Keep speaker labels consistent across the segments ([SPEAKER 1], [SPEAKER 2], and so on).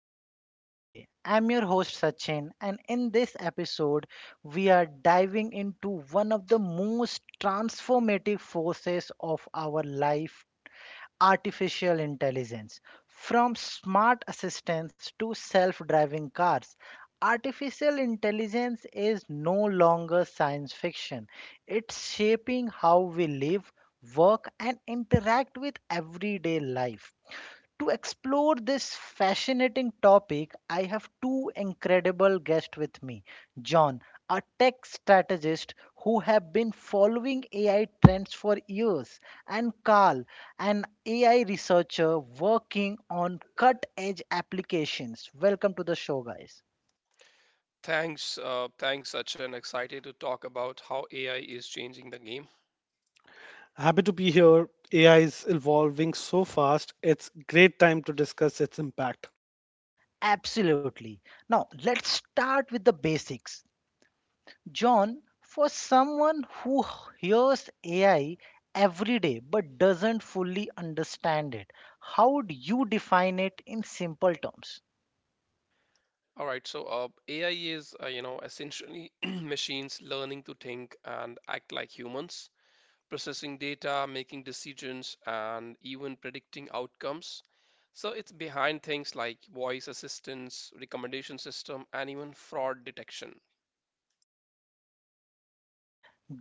[SPEAKER 1] Tech Talk today. I'm your host Sachin, and in this episode, we are diving into one of the most transformative forces of our life artificial intelligence. From smart assistants to self driving cars, artificial intelligence is no longer science fiction. It's shaping how we live, work, and interact with everyday life. To explore this fascinating topic, I have two incredible guests with me. John, a tech strategist who have been following AI trends for years, and Carl, an AI researcher working on cut-edge applications. Welcome to the show, guys.
[SPEAKER 2] Thanks, thanks, Sachin. Excited to talk about how AI is changing the game.
[SPEAKER 3] Happy to be here. AI is evolving so fast, it's great time to discuss its impact.
[SPEAKER 1] Absolutely. Now, let's start with the basics. John, for someone who hears AI every day but doesn't fully understand it, how do you define it in simple terms?
[SPEAKER 2] All right, AI is, essentially machines learning to think and act like humans, processing data, making decisions, and even predicting outcomes. So it's behind things like voice assistance, recommendation system, and even fraud detection.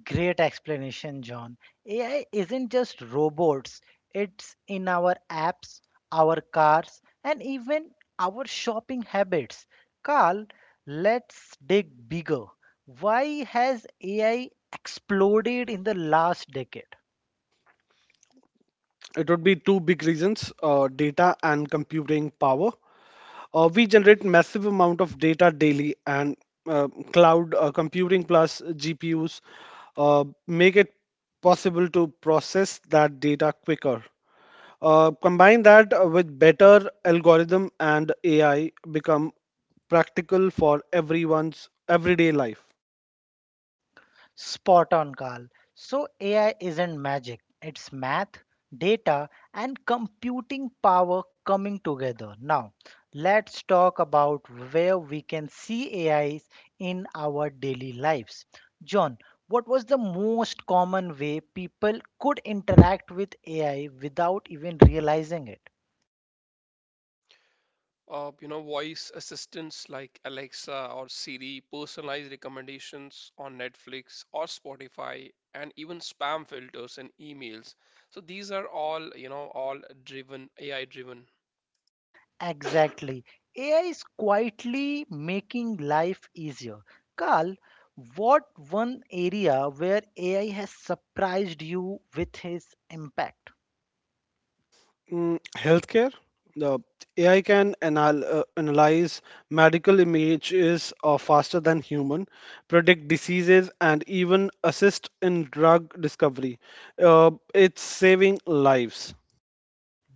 [SPEAKER 1] Great explanation, John. AI isn't just robots, it's in our apps, our cars, and even our shopping habits. Carl, let's dig bigger. Why has AI exploded in the last decade?
[SPEAKER 3] It would be two big reasons, data and computing power. We generate massive amount of data daily and cloud computing plus GPUs make it possible to process that data quicker. Combine that with better algorithm and AI become practical for everyone's everyday life.
[SPEAKER 1] Spot on, Carl. So AI isn't magic, it's math, data, and computing power coming together. Now, let's talk about where we can see AIs in our daily lives. John, what was the most common way people could interact with AI without even realizing it?
[SPEAKER 2] Voice assistants like Alexa or Siri, personalized recommendations on Netflix or Spotify, and even spam filters and emails. So these are all, all driven AI driven.
[SPEAKER 1] Exactly. AI is quietly making life easier. Carl, what one area where AI has surprised you with its impact?
[SPEAKER 3] Healthcare, the AI can analyze medical images faster than human, predict diseases, and even assist in drug discovery. It's saving lives.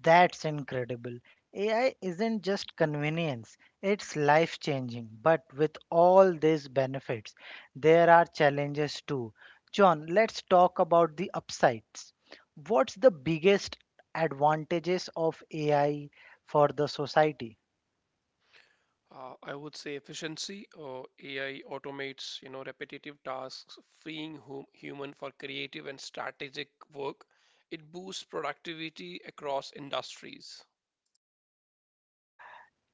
[SPEAKER 1] That's incredible. AI isn't just convenience, it's life changing. But with all these benefits, there are challenges too. John, let's talk about the upsides. What's the biggest advantages of AI for the society?
[SPEAKER 2] I would say efficiency. AI automates, repetitive tasks, freeing human for creative and strategic work. It boosts productivity across industries.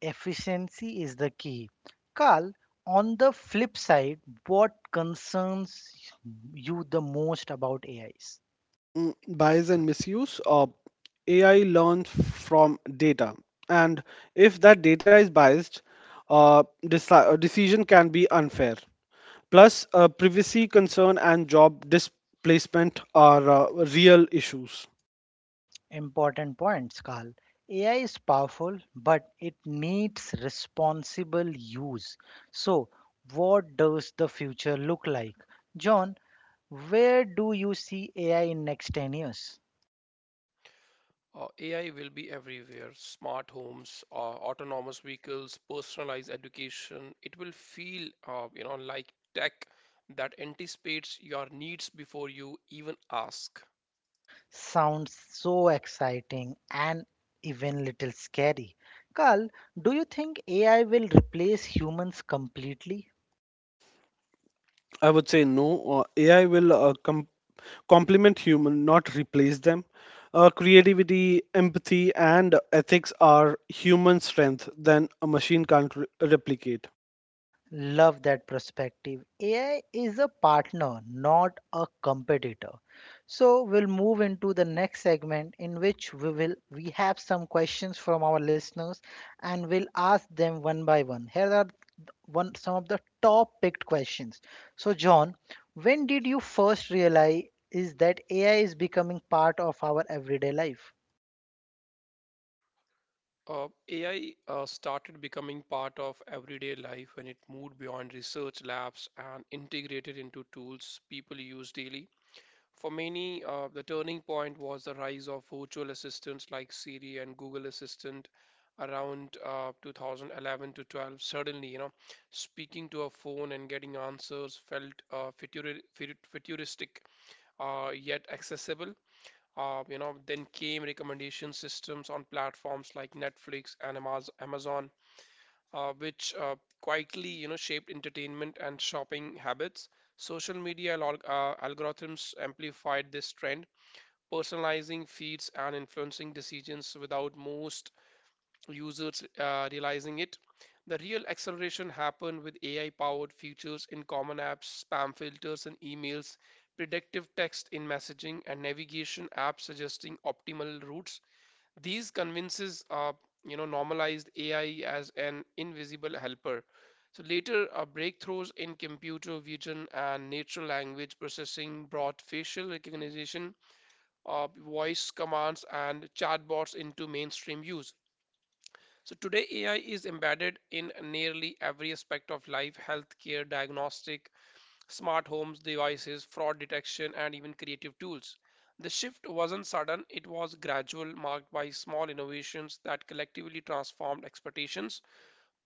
[SPEAKER 1] Efficiency is the key. Carl, on the flip side, what concerns you the most about AIs?
[SPEAKER 3] Bias and misuse. AI learns from data, and if that data is biased, decision can be unfair. Plus, privacy concern and job displacement are real issues.
[SPEAKER 1] Important points, Carl. AI is powerful, but it needs responsible use. So, what does the future look like? John, where do you see AI in next 10 years?
[SPEAKER 2] AI will be everywhere, smart homes, autonomous vehicles, personalized education. It will feel, like tech that anticipates your needs before you even ask.
[SPEAKER 1] Sounds so exciting and even little scary. Carl, do you think AI will replace humans completely?
[SPEAKER 3] I would say no. AI will complement human, not replace them. Creativity, empathy, and ethics are human strength than a machine can't replicate.
[SPEAKER 1] Love that perspective. AI is a partner, not a competitor. So we'll move into the next segment in which we have some questions from our listeners, and we'll ask them one by one. Here are th- one some of the top picked questions. So John, when did you first realize is that AI is becoming part of our everyday life?
[SPEAKER 2] AI started becoming part of everyday life when it moved beyond research labs and integrated into tools people use daily. For many, the turning point was the rise of virtual assistants like Siri and Google Assistant around 2011 to 12. Suddenly, speaking to a phone and getting answers felt futuristic, yet accessible. Then came recommendation systems on platforms like Netflix and Amazon, which quietly, shaped entertainment and shopping habits. Social media algorithms amplified this trend, personalizing feeds and influencing decisions without most users realizing it. The real acceleration happened with AI powered features in common apps, spam filters in emails, predictive text in messaging, and navigation apps suggesting optimal routes. These convinces normalized AI as an invisible helper. So later, breakthroughs in computer vision and natural language processing brought facial recognition, voice commands and chatbots into mainstream use. So today AI is embedded in nearly every aspect of life: healthcare, diagnostic, smart homes, devices, fraud detection, and even creative tools. The shift wasn't sudden, it was gradual, marked by small innovations that collectively transformed expectations.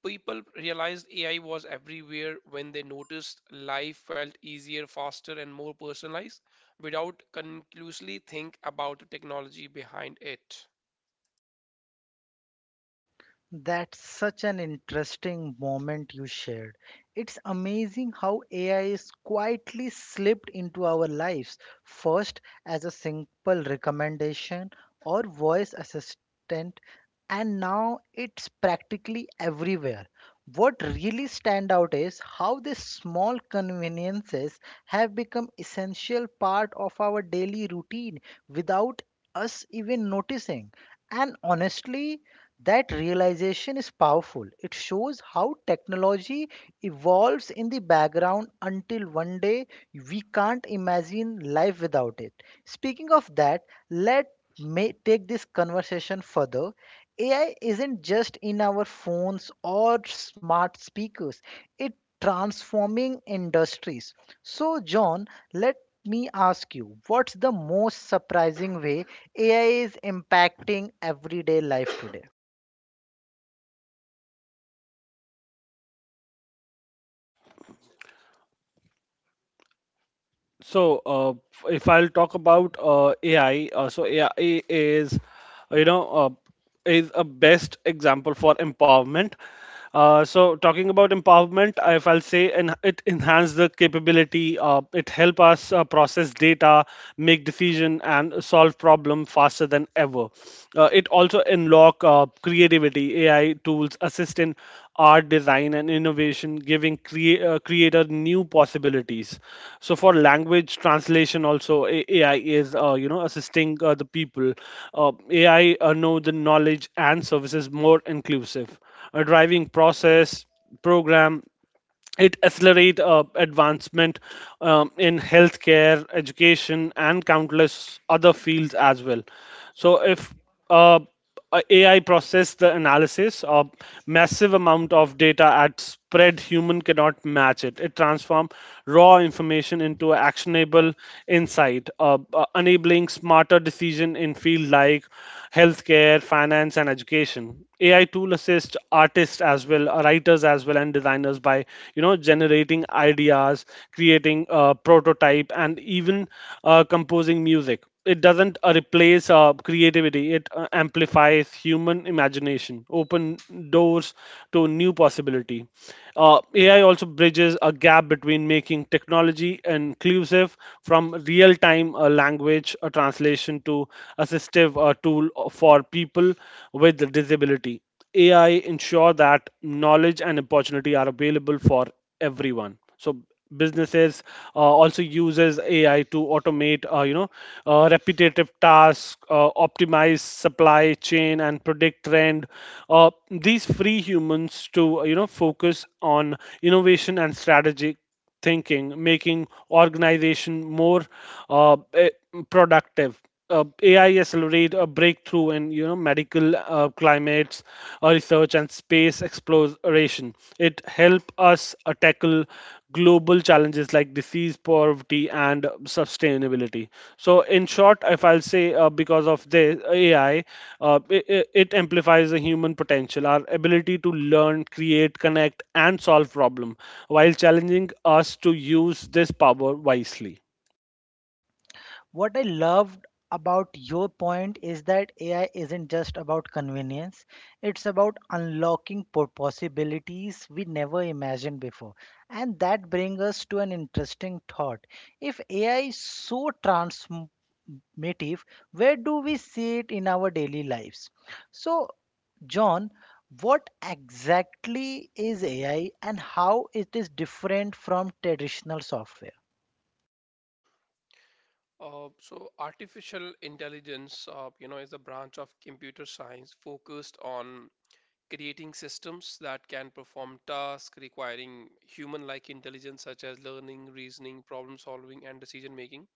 [SPEAKER 2] People realized AI was everywhere when they noticed life felt easier, faster, and more personalized without conclusively think about the technology behind it.
[SPEAKER 1] That's such an interesting moment you shared. It's amazing how AI is quietly slipped into our lives, first as a simple recommendation or voice assistant, and now it's practically everywhere. What really stand out is how these small conveniences have become essential part of our daily routine without us even noticing. And honestly, that realization is powerful. It shows how technology evolves in the background until one day we can't imagine life without it. Speaking of that, let me take this conversation further. AI isn't just in our phones or smart speakers. It transforming industries. So John, let me ask you, what's the most surprising way AI is impacting everyday life today?
[SPEAKER 3] So, if I'll talk about AI, so AI you know, uh, is a best example for empowerment. So, talking about empowerment, if I'll say, and it enhance the capability. It help us process data, make decision, and solve problem faster than ever. It also unlock creativity. AI tools assist in art design and innovation, giving creator new possibilities. So for language translation, also AI is assisting the people. AI know the knowledge and services more inclusive, driving process program. It accelerate advancement in healthcare education and countless other fields as well. So if uh, a AI process the analysis of massive amount of data at spread human cannot match. It transform raw information into actionable insight, enabling smarter decision in field like healthcare, finance, and education. AI tool assist artists as well, writers as well, and designers by generating ideas, creating a prototype, and even composing music. It doesn't replace creativity; it amplifies human imagination, open doors to new possibility. AI also bridges a gap between making technology fully inclusive from real time language translation to assistive tool for people with disability. AI ensure that knowledge and opportunity are available for everyone. So businesses also uses AI to automate, repetitive tasks, optimize supply chain, and predict trend. These free humans to focus on innovation and strategy thinking, making organization more uh, eh, productive. AI accelerate a breakthrough in medical climates, research and space exploration. It help us tackle global challenges like disease, poverty, and sustainability. So, in short, if I'll say because of the AI, it amplifies the human potential, our ability to learn, create, connect, and solve problem while challenging us to use this power wisely.
[SPEAKER 1] What I loved about your point is that AI isn't just about convenience, it's about unlocking possibilities we never imagined before. And that brings us to an interesting thought. If AI is so transformative, where do we see it in our daily lives? So, John, what exactly is AI and how it is different from traditional software?
[SPEAKER 2] Artificial intelligence, is a branch of computer science focused on creating systems that can perform tasks requiring human-like intelligence such as learning, reasoning, problem solving, and decision making.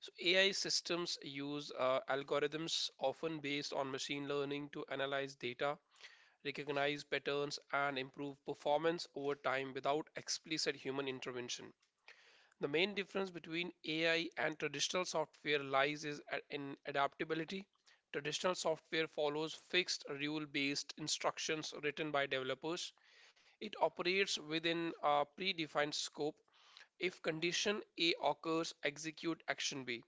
[SPEAKER 2] So AI systems use algorithms often based on machine learning to analyze data, recognize patterns, and improve performance over time without explicit human intervention. The main difference between AI and traditional software lies is in adaptability. Traditional software follows fixed rule based instructions written by developers. It operates within a predefined scope. If condition A occurs, execute action B.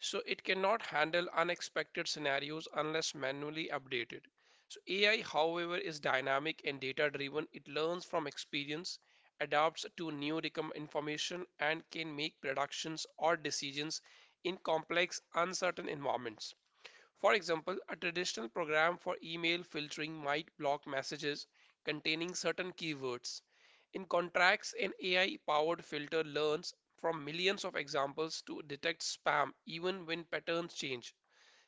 [SPEAKER 2] So it cannot handle unexpected scenarios unless manually updated. So AI, however, is dynamic and data driven. It learns from experience, adapts to new information, and can make predictions or decisions in complex, uncertain environments. For example, a traditional program for email filtering might block messages containing certain keywords. In contrast, an AI powered filter learns from millions of examples to detect spam even when patterns change.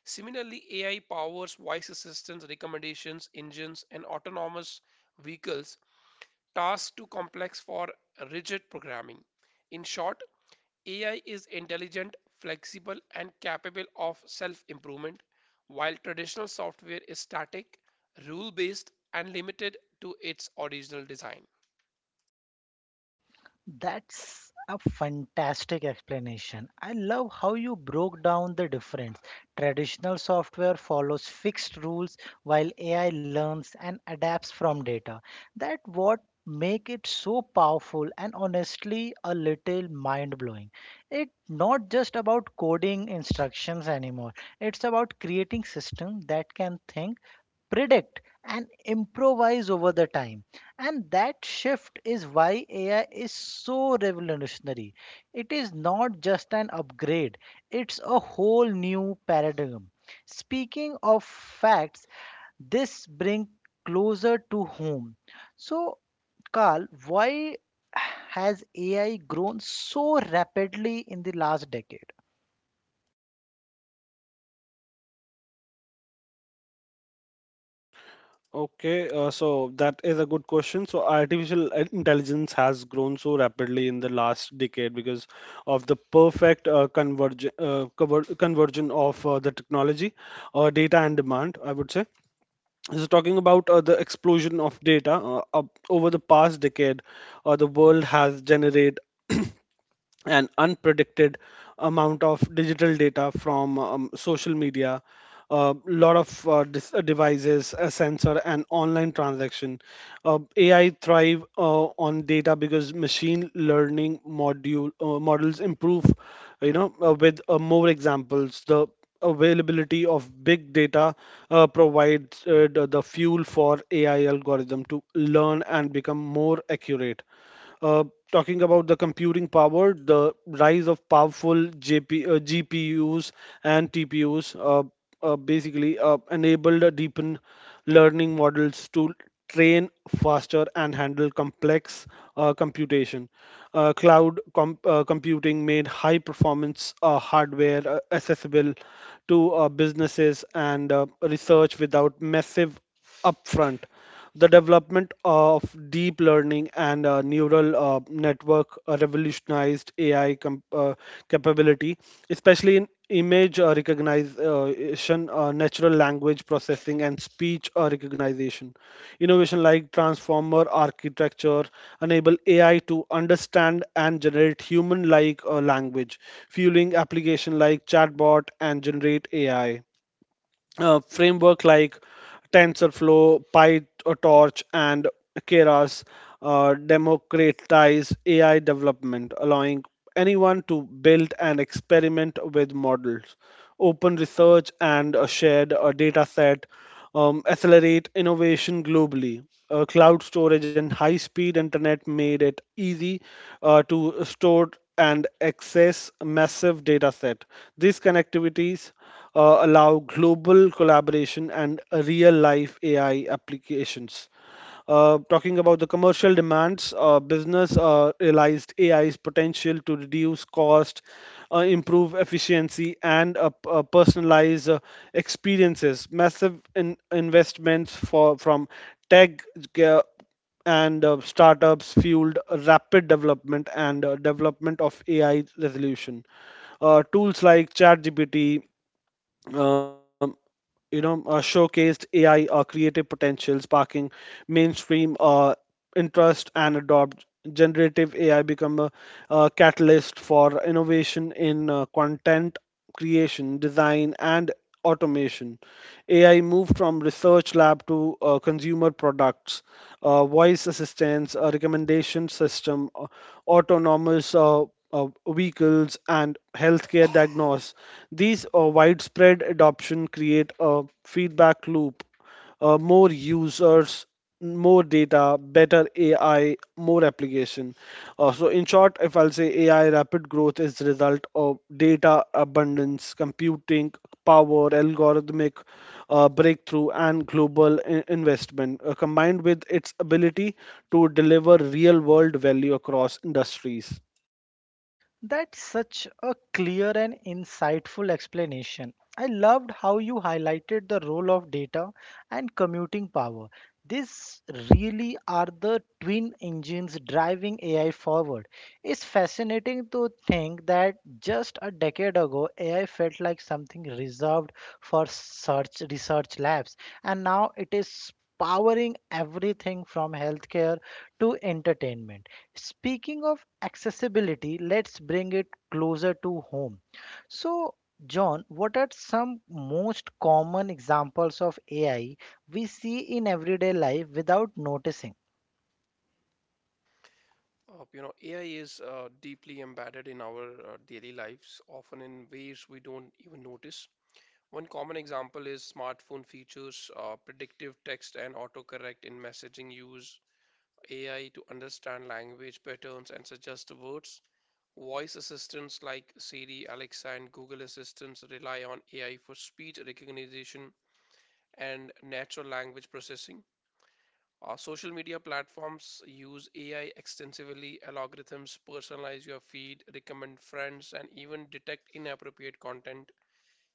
[SPEAKER 2] Similarly, AI powers voice assistants, recommendations, engines, and autonomous vehicles, tasks too complex for rigid programming. In short, AI is intelligent, flexible, and capable of self improvement, while traditional software is static, rule based, and limited to its original design.
[SPEAKER 1] That's a fantastic explanation. I love how you broke down the difference. Traditional software follows fixed rules while AI learns and adapts from data. That what make it so powerful and honestly a little mind blowing. It's not just about coding instructions anymore. It's about creating systems that can think, predict, and improvise over the time, and that shift is why AI is so revolutionary. It is not just an upgrade, it's a whole new paradigm. Speaking of facts, this brings closer to home. So Carl, why has AI grown so rapidly in the last decade?
[SPEAKER 3] Okay, so that is a good question. So, artificial intelligence has grown so rapidly in the last decade because of the perfect conversion of the technology, data, and demand, I would say. So, talking about the explosion of data up over the past decade, the world has generated an unpredicted amount of digital data from social media, a lot of devices, a sensor, and online transaction. AI thrive on data because machine learning module models improve, with more examples. The availability of big data provides the fuel for AI algorithm to learn and become more accurate. uh, Talking about the computing power, the rise of powerful GPUs and TPUs basically enabled a deepen learning models to train faster and handle complex computation. Cloud computing made high performance hardware accessible to businesses and research without massive upfront. The development of deep learning and neural network revolutionized AI capability, especially in image recognition, natural language processing, and speech recognition. Innovation like transformer architecture enable AI to understand and generate human-like language, fueling application like chatbot and generate AI framework like TensorFlow, PyTorch, and Keras democratize AI development, allowing anyone to build and experiment with models, open research, and a shared data set accelerate innovation globally. Cloud storage and high speed internet made it easy to store and access massive data set. These connectivities allow global collaboration and real life AI applications. Talking about the commercial demands, business realized AI's potential to reduce cost, improve efficiency, and personalize experiences. Massive investments for from tech ge- and startups fueled rapid development of AI resolution. Tools like ChatGPT um, showcased AI creative potential, sparking mainstream interest and adopt generative AI become a, catalyst for innovation in content creation, design, and automation. AI moved from research lab to consumer products, voice assistance, a recommendation system, autonomous vehicles and healthcare diagnosis. These widespread adoption create a feedback loop, more users, more data, better AI, more application. So in short, if I'll say AI rapid growth is the result of data abundance, computing power, algorithmic breakthrough, and global investment, combined with its ability to deliver real-world value across industries.
[SPEAKER 1] That's such a clear and insightful explanation. I loved how you highlighted the role of data and commuting power. These really are the twin engines driving AI forward. It's fascinating to think that just a decade ago, AI felt like something reserved for search research labs, and now it is powering everything from healthcare to entertainment. Speaking of accessibility, let's bring it closer to home. So, John, what are some most common examples of AI we see in everyday life without noticing?
[SPEAKER 2] AI is deeply embedded in our daily lives, often in ways we don't even notice. One common example is smartphone features, predictive text, and autocorrect in messaging use. AI to understand language patterns and suggest words. Voice assistants like Siri, Alexa, and Google Assistants rely on AI for speech recognition and natural language processing. Our social media platforms use AI extensively. Algorithms personalize your feed, recommend friends, and even detect inappropriate content.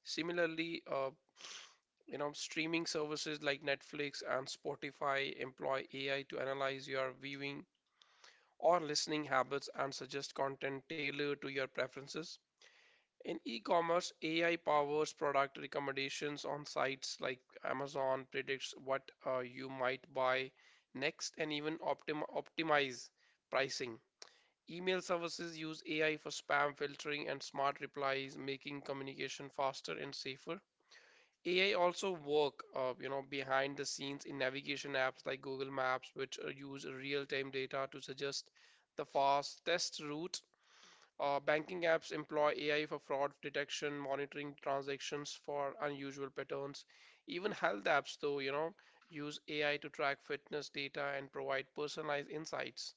[SPEAKER 2] Similarly, streaming services like Netflix and Spotify employ AI to analyze your viewing or listening habits and suggest content tailored to your preferences. In e-commerce, AI powers product recommendations on sites like Amazon, predicts what you might buy next, and even optimize pricing. Email services use AI for spam filtering and smart replies, making communication faster and safer. AI also work, behind the scenes in navigation apps like Google Maps, which use real-time data to suggest the fastest route. Banking apps employ AI for fraud detection, monitoring transactions for unusual patterns. Even health apps, though, use AI to track fitness data and provide personalized insights.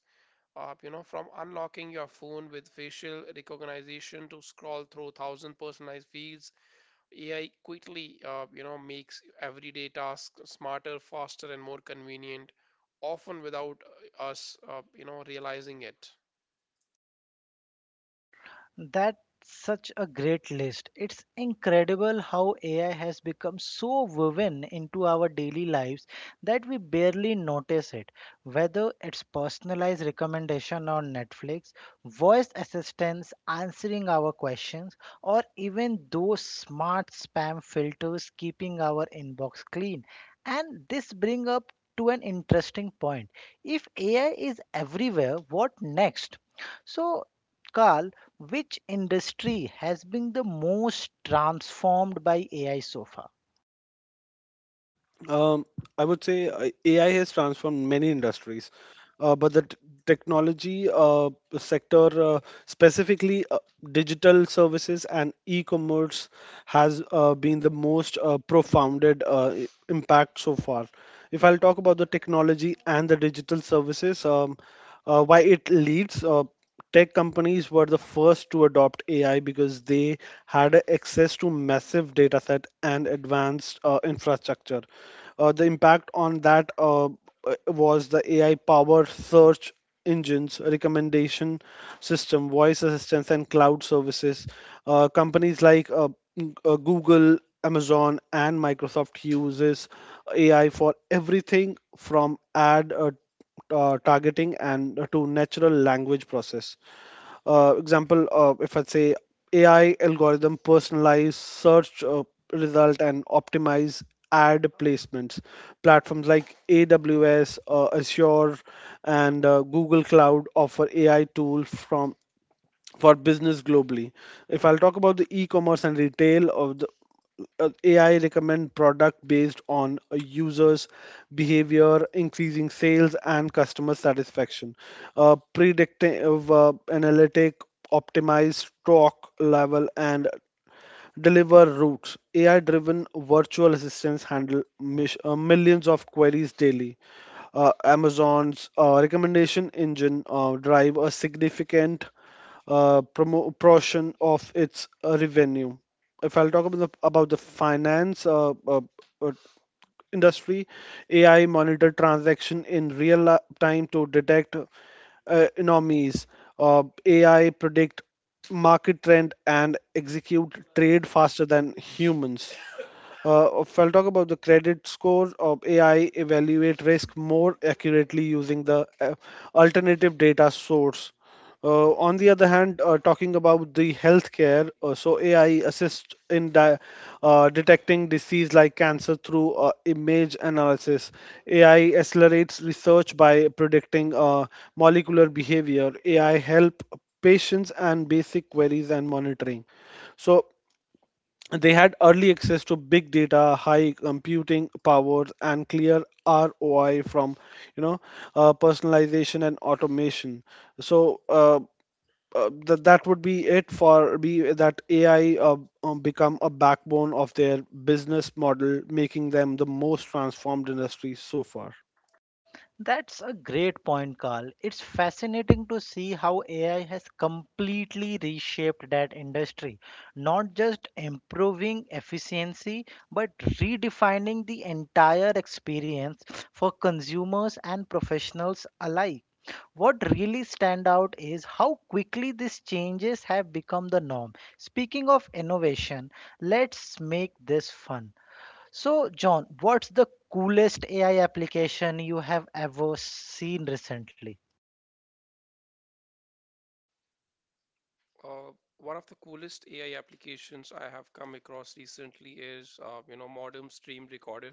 [SPEAKER 2] From unlocking your phone with facial recognition to scroll through thousand personalized feeds, AI quickly, makes everyday tasks smarter, faster, and more convenient, often without us, realizing it.
[SPEAKER 1] That's such a great list. It's incredible how AI has become so woven into our daily lives that we barely notice it. Whether it's personalized recommendation on Netflix, voice assistants answering our questions, or even those smart spam filters keeping our inbox clean. And this brings up to an interesting point. If AI is everywhere, what next? So, Carl, which industry has been the most transformed by AI so far?
[SPEAKER 3] Um, I would say AI has transformed many industries, but the technology sector, specifically digital services and e-commerce, has been the most profounded impact so far. If I'll talk about the technology and the digital services, why it leads. Tech companies were the first to adopt AI because they had access to massive data set and advanced infrastructure. The impact on that was the AI powered search engines, recommendation system, voice assistance, and cloud services. Companies like Google, Amazon, and Microsoft uses AI for everything from ad targeting and to natural language process. Example, if I say AI algorithm personalize search result and optimize ad placements. Platforms like AWS, Azure, and Google Cloud offer AI tools from for business globally. If I'll talk about the e-commerce and retail of the AI recommend product based on a user's behavior, increasing sales and customer satisfaction. Predictive analytic, optimized stock level and deliver routes. AI driven virtual assistants handle millions of queries daily. Amazon's recommendation engine drive a significant portion of its revenue. If I'll talk about the finance uh, industry, AI monitor transaction in real time to detect anomalies. AI predict market trend and execute trade faster than humans. If I'll talk about the credit score of AI evaluate risk more accurately using the alternative data source. On the other hand, talking about the healthcare, so AI assists in detecting disease like cancer through image analysis. AI accelerates research by predicting molecular behavior. AI help patients and basic queries and monitoring. So they had early access to big data, high computing powers, and clear ROI from you know personalization and automation. So that would be it for be that AI become a backbone of their business model, making them the most transformed industry so far.
[SPEAKER 1] That's a great point, Carl. It's fascinating to see how AI has completely reshaped that industry, not just improving efficiency, but redefining the entire experience for consumers and professionals alike. What really stand out is how quickly these changes have become the norm. Speaking of innovation, let's make this fun. So, John, what's the coolest AI application you have ever seen recently?
[SPEAKER 2] Uh, One of the coolest AI applications I have come across recently is, Modem Stream Recorder,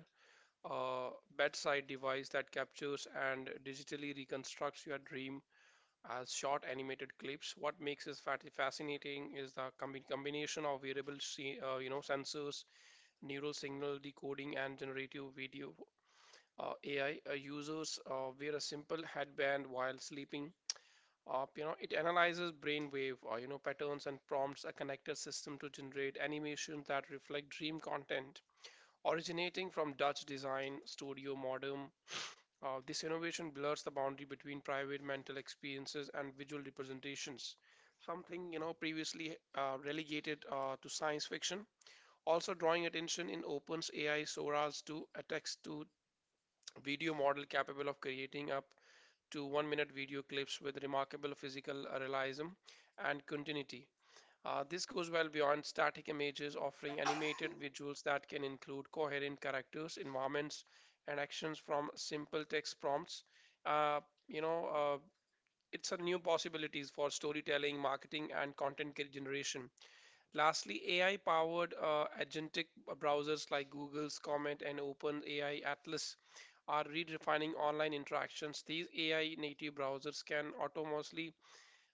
[SPEAKER 2] a bedside device that captures and digitally reconstructs your dream as short animated clips. What makes it fascinating is the combination of variable, sensors, neural signal decoding, and generative video AI. Users wear a simple headband while sleeping. It analyzes brainwave, patterns and prompts a connected system to generate animations that reflect dream content. Originating from Dutch design studio Modem, this innovation blurs the boundary between private mental experiences and visual representations, something previously relegated to science fiction, also drawing attention in OpenAI Sora's to a text-to-video model capable of creating up to 1-minute video clips with remarkable physical realism and continuity. This goes well beyond static images, offering animated visuals that can include coherent characters, environments, and actions from simple text prompts. Uh, you know, uh, it's a new possibilities for storytelling, marketing, and content generation. Lastly, AI-powered agentic browsers like Google's Comet and OpenAI Atlas are redefining online interactions. These AI-native browsers can autonomously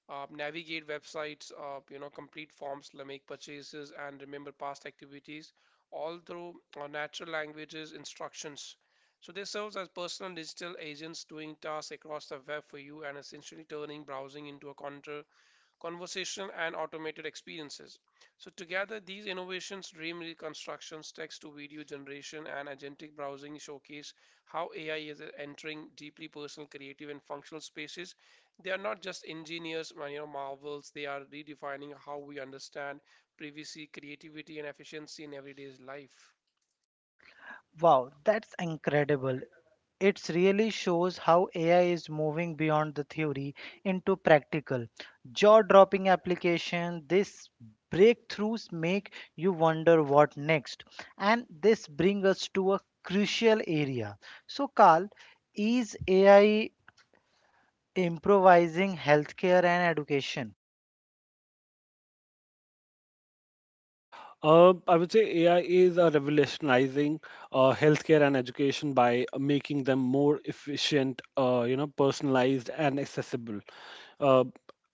[SPEAKER 2] navigate websites, complete forms, like make purchases, and remember past activities, all through natural languages instructions. So this serves as personal digital agents doing tasks across the web for you and essentially turning browsing into a counter conversation and automated experiences. So, together, these innovations, dream reconstructions, text to video generation, and agentic browsing showcase how AI is entering deeply personal, creative, and functional spaces. They are not just engineers, marvels, they are redefining how we understand privacy, creativity, and efficiency in everyday life.
[SPEAKER 1] Wow, that's incredible. It really shows how AI is moving beyond the theory into practical, jaw dropping application. These breakthroughs make you wonder what next. And this brings us to a crucial area. So, Carl, is AI improvising healthcare and education?
[SPEAKER 3] I would say AI is revolutionizing healthcare and education by making them more efficient, personalized and accessible. Uh,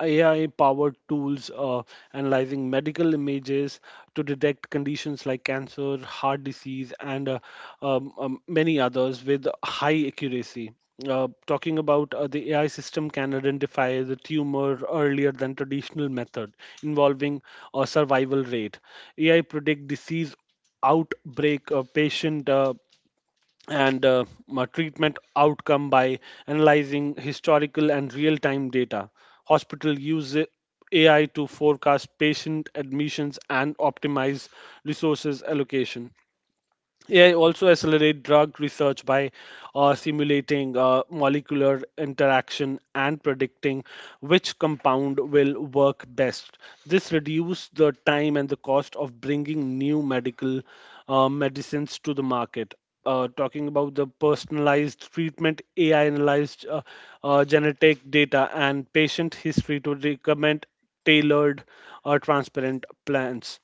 [SPEAKER 3] AI-powered tools analyzing medical images to detect conditions like cancer, heart disease, and many others with high accuracy. Talking about the AI system can identify the tumor earlier than traditional method involving a survival rate. AI predict disease outbreak, patient and treatment outcome by analyzing historical and real-time data. Hospital use AI to forecast patient admissions and optimize resources allocation. AI also accelerate drug research by simulating molecular interaction and predicting which compound will work best. This reduces the time and the cost of bringing new medical medicines to the market. Talking about the personalized treatment, AI analyzed genetic data and patient history to recommend tailored or transparent plans.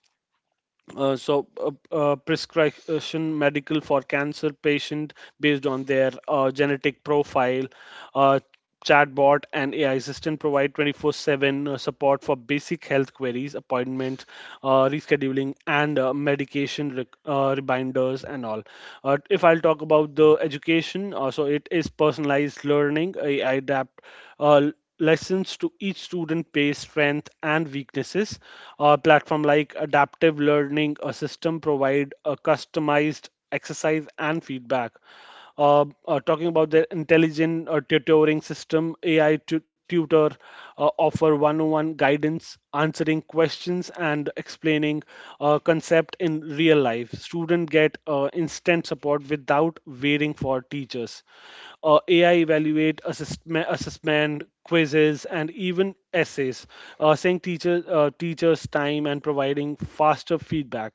[SPEAKER 3] Prescription medical for cancer patient based on their genetic profile. uh, Chatbot and AI assistant provide 24/7 support for basic health queries, appointments, rescheduling, and medication reminders and all. If I'll talk about the education, so it is personalized learning. AI adapt uh, lessons to each student based strength and weaknesses. A platform like adaptive learning, a system provide a customized exercise and feedback. Talking about the intelligent tutoring system, AI tutor offer one-on-one guidance, answering questions and explaining concept in real life. Student get instant support without waiting for teachers. AI evaluate assessment quizzes, and even essays, saving teachers time and providing faster feedback.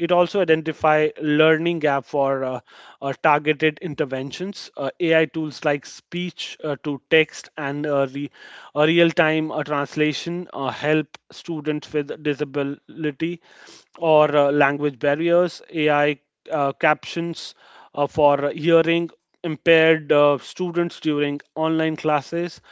[SPEAKER 3] It also identify learning gap for targeted interventions. AI tools like speech to text and real-time translation help students with disability or language barriers. AI captions for hearing impaired students during online classes.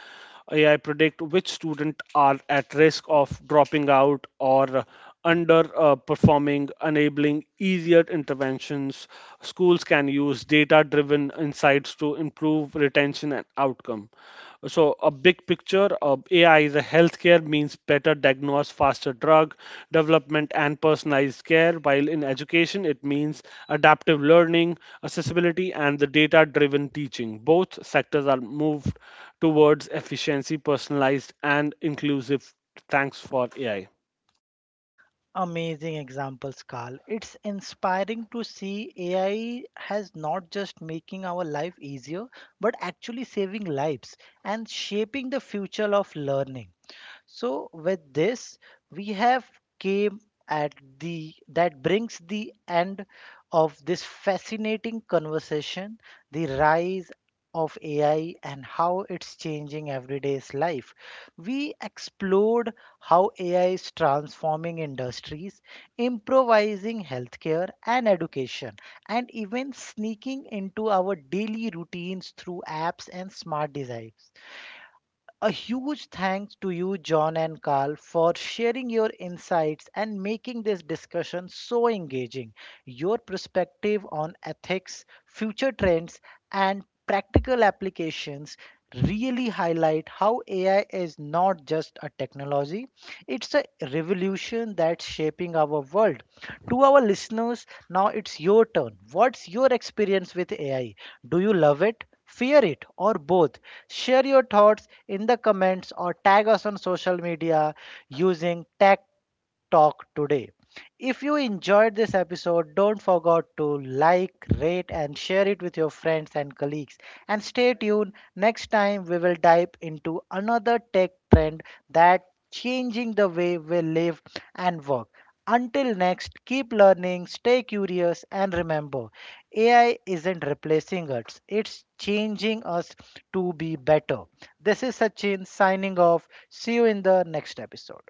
[SPEAKER 3] AI predict which students are at risk of dropping out or underperforming, enabling easier interventions. Schools can use data-driven insights to improve retention and outcome. So, a big picture of AI is a healthcare means better diagnose, faster drug development, and personalized care. While in education, it means adaptive learning, accessibility and the data driven teaching. Both sectors are moved towards efficiency, personalized, and inclusive thanks for AI.
[SPEAKER 1] Amazing examples, Carl. It's inspiring to see AI has not just making our life easier, but actually saving lives and shaping the future of learning. So with this, we have came at the that brings the end of this fascinating conversation, the rise of AI and how it's changing everyday's life. We explored how AI is transforming industries, improvising healthcare and education, and even sneaking into our daily routines through apps and smart devices. A huge thanks to you, John and Carl, for sharing your insights and making this discussion so engaging. Your perspective on ethics, future trends, and practical applications really highlight how AI is not just a technology, it's a revolution that's shaping our world. To our listeners, now it's your turn. What's your experience with AI? Do you love it? Fear it or both? Share your thoughts in the comments or tag us on social media using tag talk today. If you enjoyed this episode, don't forget to like, rate, and share it with your friends and colleagues. And stay tuned. Next time, we will dive into another tech trend that changing the way we live and work. Until next, keep learning, stay curious, and remember AI isn't replacing us, it's changing us to be better. This is Sachin signing off. See you in the next episode.